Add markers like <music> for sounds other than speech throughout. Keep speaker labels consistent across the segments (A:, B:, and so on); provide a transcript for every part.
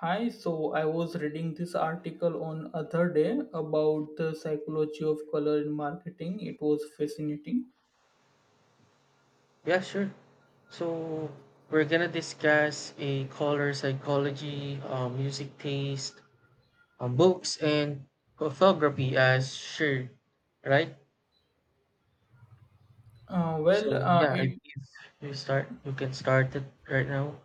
A: Hi, so I was reading this article on other day about the psychology of color in marketing. It was fascinating.
B: Yeah, sure. So we're gonna discuss a color psychology, music taste, books, and photography as shared, right?
A: Uh, well,
B: So
A: uh,
B: yeah, I
A: it
B: believe you start. You can start it right now.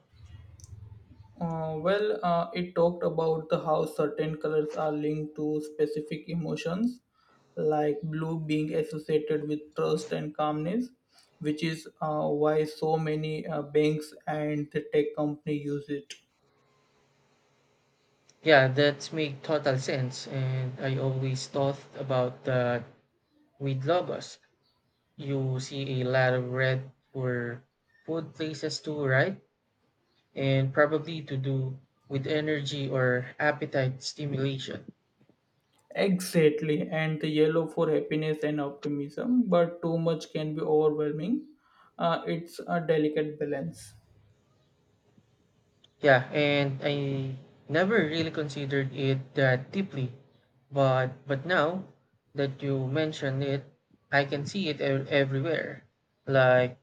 A: it talked about the how certain colors are linked to specific emotions, like blue being associated with trust and calmness, which is why so many banks and the tech company use it.
B: Yeah, that make total sense. And I always thought about that with logos. You see a lot of red for food places too, right? And probably to do with energy or appetite stimulation.
A: Exactly, and the yellow for happiness and optimism, but too much can be overwhelming. It's a delicate balance.
B: Yeah, and I never really considered it that deeply, but now that you mention it, I can see everywhere. Like,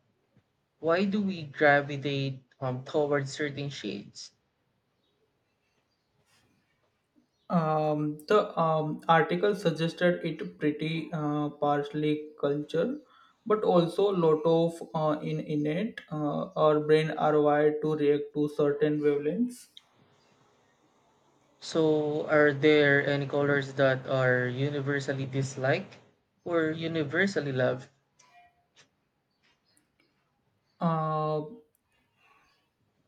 B: why do we gravitate towards certain shades?
A: The article suggested it pretty partially culture, but also lot of in innate. Our brain are wired to react to certain wavelengths.
B: So, are there any colors that are universally disliked or universally loved?
A: Uh,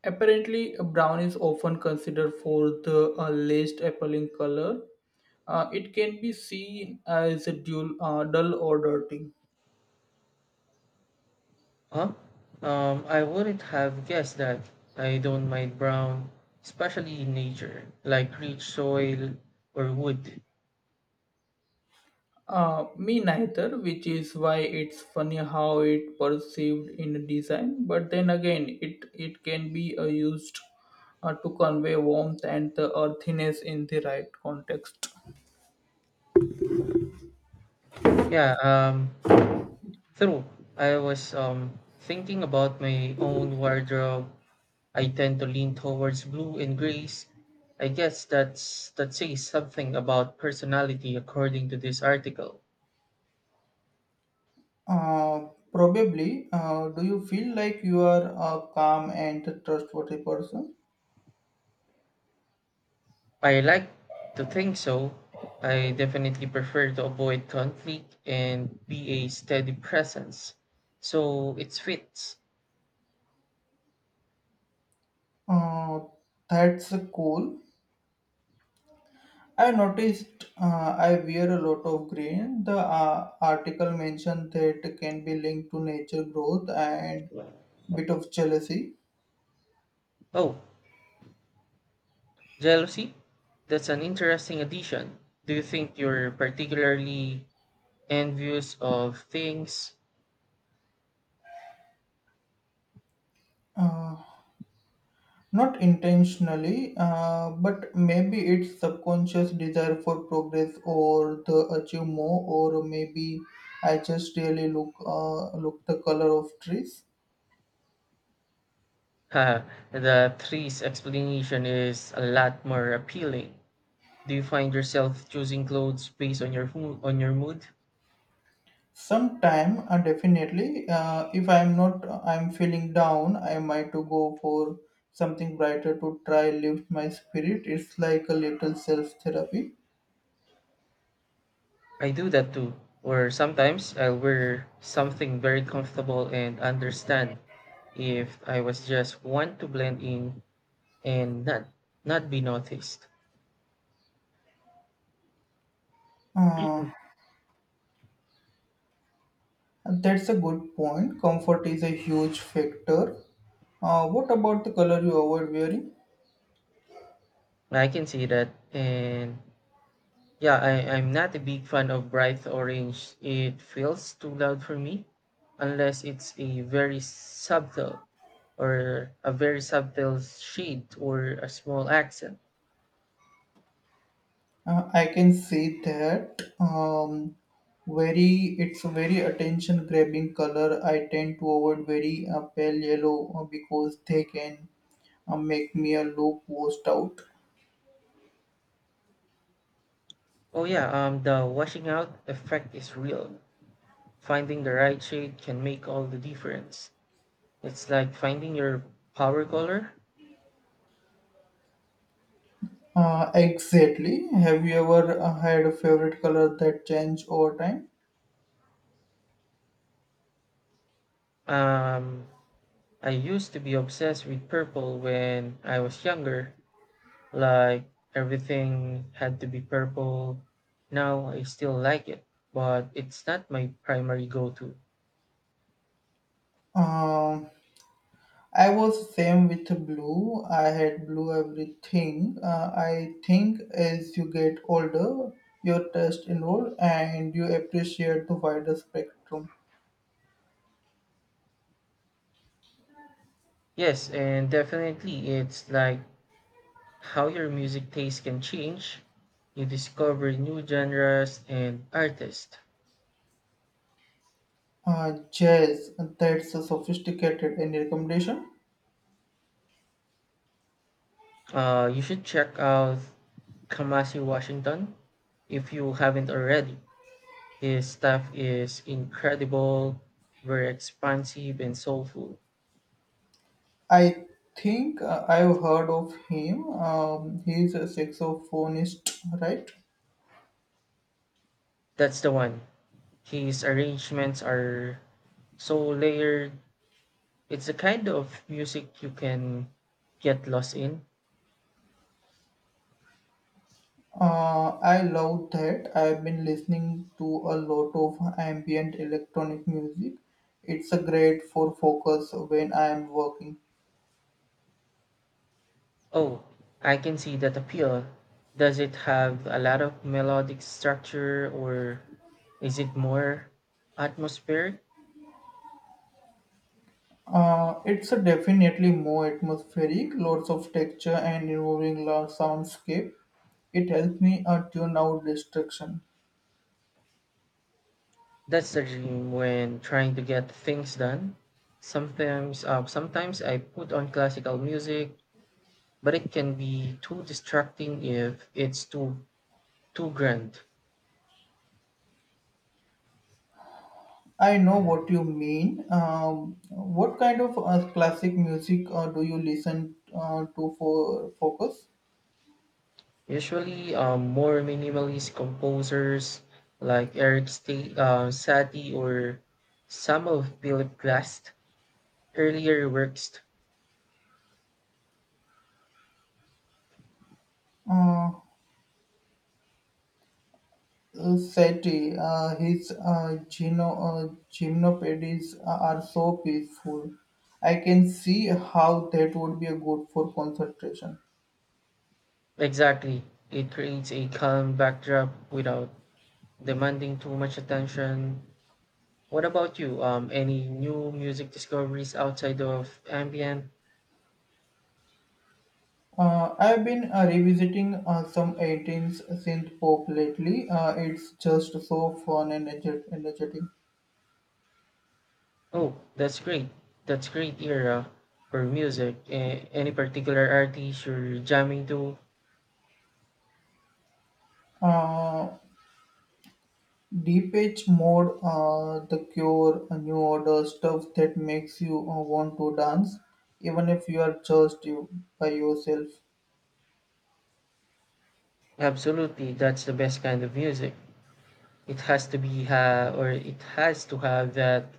A: Apparently, brown is often considered for the least appealing color. It can be seen as a dull or dirty.
B: Huh? I wouldn't have guessed that. I don't mind brown, especially in nature, like rich soil or wood.
A: Me neither, which is why it's funny how it perceived in design. But then again, it can be used to convey warmth and the earthiness in the right context.
B: Yeah, true. I was thinking about my own wardrobe. I tend to lean towards blue and grays. I guess that says something about personality according to this article.
A: Uh, Probably. Do you feel like you are a calm and trustworthy person?
B: I like to think so. I definitely prefer to avoid conflict and be a steady presence. So it fits.
A: Uh, that's cool. I noticed I wear a lot of green. The article mentioned that can be linked to nature growth and bit of jealousy.
B: Oh, jealousy? That's an interesting addition. Do you think you're particularly envious of things? <laughs>
A: Uh, Not intentionally, but maybe it's subconscious desire for progress or the achieve more, or maybe I just really look the color of trees.
B: Ha, the three's explanation is a lot more appealing. Do you find yourself choosing clothes based on on your mood?
A: Sometime definitely, if I'm not I'm feeling down I might to go for something brighter to try lift my spirit. It's like a little self therapy.
B: I do that too, or sometimes I'll wear something very comfortable and understand if I was just want to blend in and not be noticed.
A: uh, that's a good point. Comfort is a huge factor. What about the color you avoid wearing?
B: I can see that and yeah, I'm not a big fan of bright orange. It feels too loud for me unless it's a very subtle shade or a small accent.
A: I can say that, very, it's a very attention grabbing color. I tend to avoid very pale yellow because they can make me a low post out.
B: Oh yeah, the washing out effect is real. Finding the right shade can make all the difference. It's like finding your power color.
A: Exactly. Have you ever had a favorite color that changed over time?
B: Um, I used to be obsessed with purple when I was younger. Like everything had to be purple. Now I still like it, but it's not my primary go to.
A: Um, I was same with blue. I had blue everything. I think as you get older, your taste evolve and you appreciate the wider spectrum.
B: Yes, and definitely it's like how your music taste can change. You discover new genres and artists.
A: Jazz, that's a sophisticated. Any recommendation?
B: You should check out Kamasi Washington if you haven't already. His stuff is incredible, very expansive and soulful.
A: I think I've heard of him. He's a saxophonist, right?
B: That's the one. His arrangements are so layered. It's the kind of music you can get lost in.
A: I love that. I've been listening to a lot of ambient electronic music. It's a great for focus when I am working.
B: Oh, I can see that appeal. Does it have a lot of melodic structure or is it more atmospheric?
A: It's a definitely more atmospheric, lots of texture and involving large soundscape. It helps me tune out distraction.
B: That's the dream when trying to get things done. Sometimes I put on classical music, but it can be too distracting if it's too too grand.
A: I know what you mean. What kind of classic music do you listen to for focus?
B: Usually, more minimalist composers like Satie or some of Philip Glass earlier works.
A: Uh, Sati, his gymnopedies are so peaceful. I can see how that would be a good for concentration.
B: Exactly, it creates a calm backdrop without demanding too much attention. What about you? Any new music discoveries outside of ambient?
A: I've been revisiting some 18th synth pop lately. It's just so fun and energetic.
B: Oh, that's great. That's great era for music. Any particular artist you're jamming to?
A: Uh, Deep Edge Mode, The Cure, New Order, stuff that makes you want to dance, even if you are just you by yourself.
B: Absolutely, that's the best kind of music. It has to have that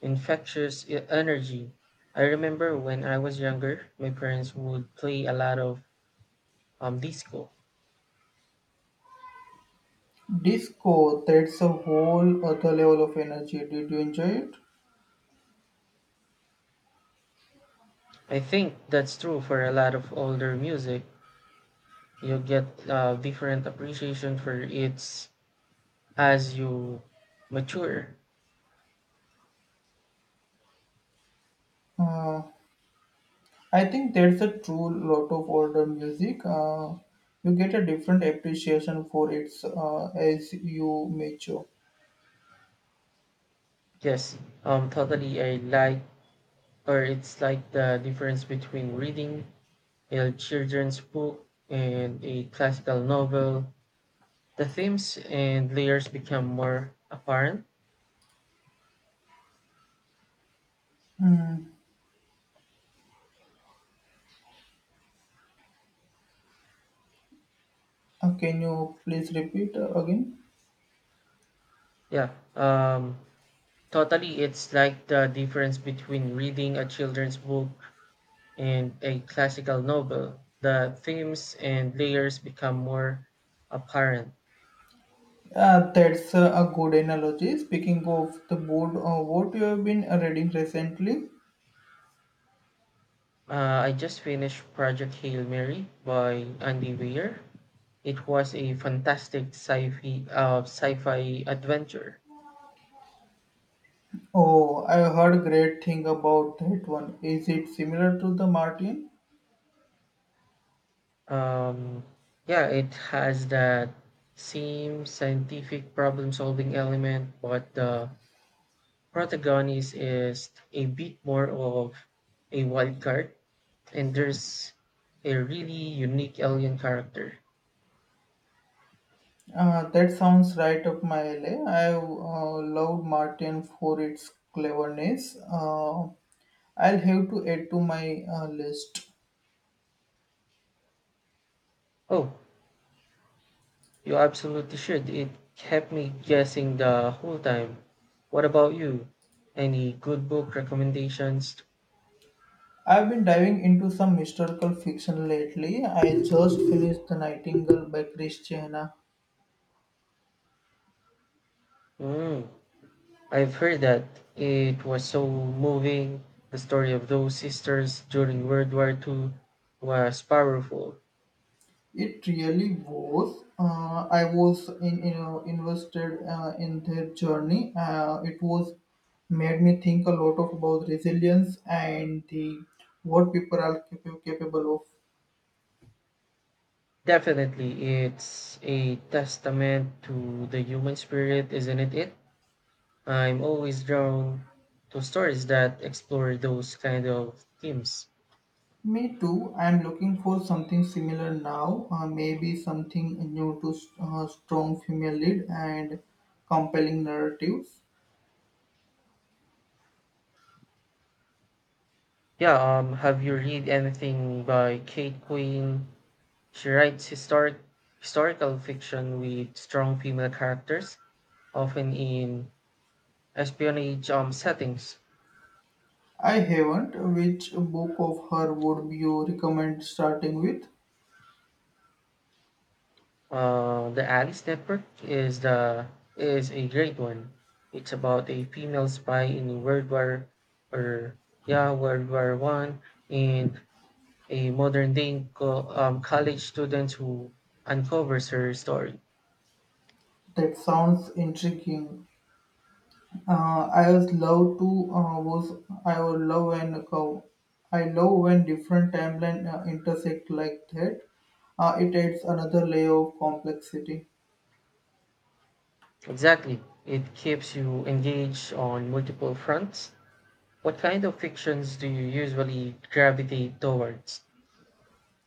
B: energy. I remember when I was younger, my parents would play a lot of disco.
A: Disco, that's a whole other level of energy. Did you enjoy it?
B: I think that's true for a lot of older music. You get a different appreciation for it as you mature.
A: Uh, I think that's a true lot of older music. You get a different appreciation for it as you mature.
B: Yes, totally. I like, or It's like the difference between reading a children's book and a classical novel. The themes and layers become more apparent.
A: Mm. Can you please repeat again?
B: Yeah, totally. It's like the difference between reading a children's book and a classical novel. The themes and layers become more apparent.
A: That's a good analogy. Speaking of the board, what you have been reading recently?
B: I just finished Project Hail Mary by Andy Weir. It was a fantastic sci-fi adventure.
A: Oh, I heard great thing about that one. Is it similar to the Martin?
B: Um, yeah, it has that same scientific problem-solving element, but the protagonist is a bit more of a wild card, and there's a really unique alien character.
A: That sounds right up my alley. I love Martin for its cleverness. I'll have to add to my list.
B: Oh, You absolutely should. It kept me guessing the whole time. What about you? Any good book recommendations?
A: I've been diving into some historical fiction lately. I just finished The Nightingale by Chris Chehana.
B: Mm, I've heard that it was so moving. The story of those sisters during World War II was powerful.
A: It really was. I was in, you know, invested in their journey. It was made me think a lot of about resilience and the what people are capable of.
B: Definitely, it's a testament to the human spirit, isn't it? I'm always drawn to stories that explore those kind of themes.
A: Me too. I'm looking for something similar now. Maybe something new to strong female lead and compelling narratives.
B: Yeah, have you read anything by Kate Quinn? She writes historical fiction with strong female characters, often in espionage settings.
A: I haven't. Which book of her would you recommend starting with?
B: The Alice Network is the is a great one. It's about a female spy in or yeah World War One and a modern day college student who uncovers her story.
A: That sounds intriguing. I was love to was I would love when a cow. I love when different timeline intersect like that. It adds another layer of complexity.
B: Exactly. It keeps you engaged on multiple fronts. What kind of fictions do you usually gravitate towards?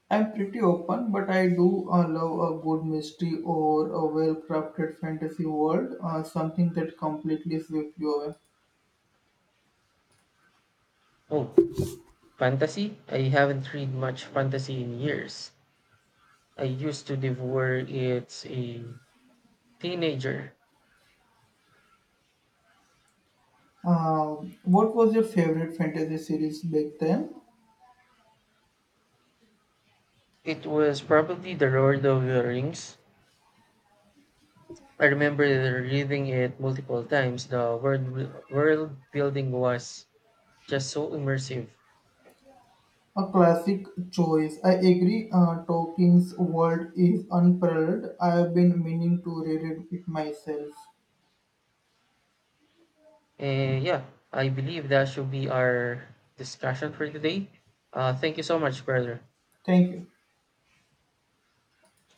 A: I'm pretty open, but I do love a good mystery or a well-crafted fantasy world, something that completely sweeps you away.
B: Oh, fantasy? I haven't read much fantasy in years. I used to devour it a teenager.
A: What was your favorite fantasy series back then?
B: It was probably The Lord of the Rings. I remember reading it multiple times. The world building was just so immersive.
A: A classic choice. I agree. Tolkien's world is unparalleled. I have been meaning to read it myself.
B: Yeah, I believe that should be our discussion for today. Thank you so much, brother.
A: Thank you.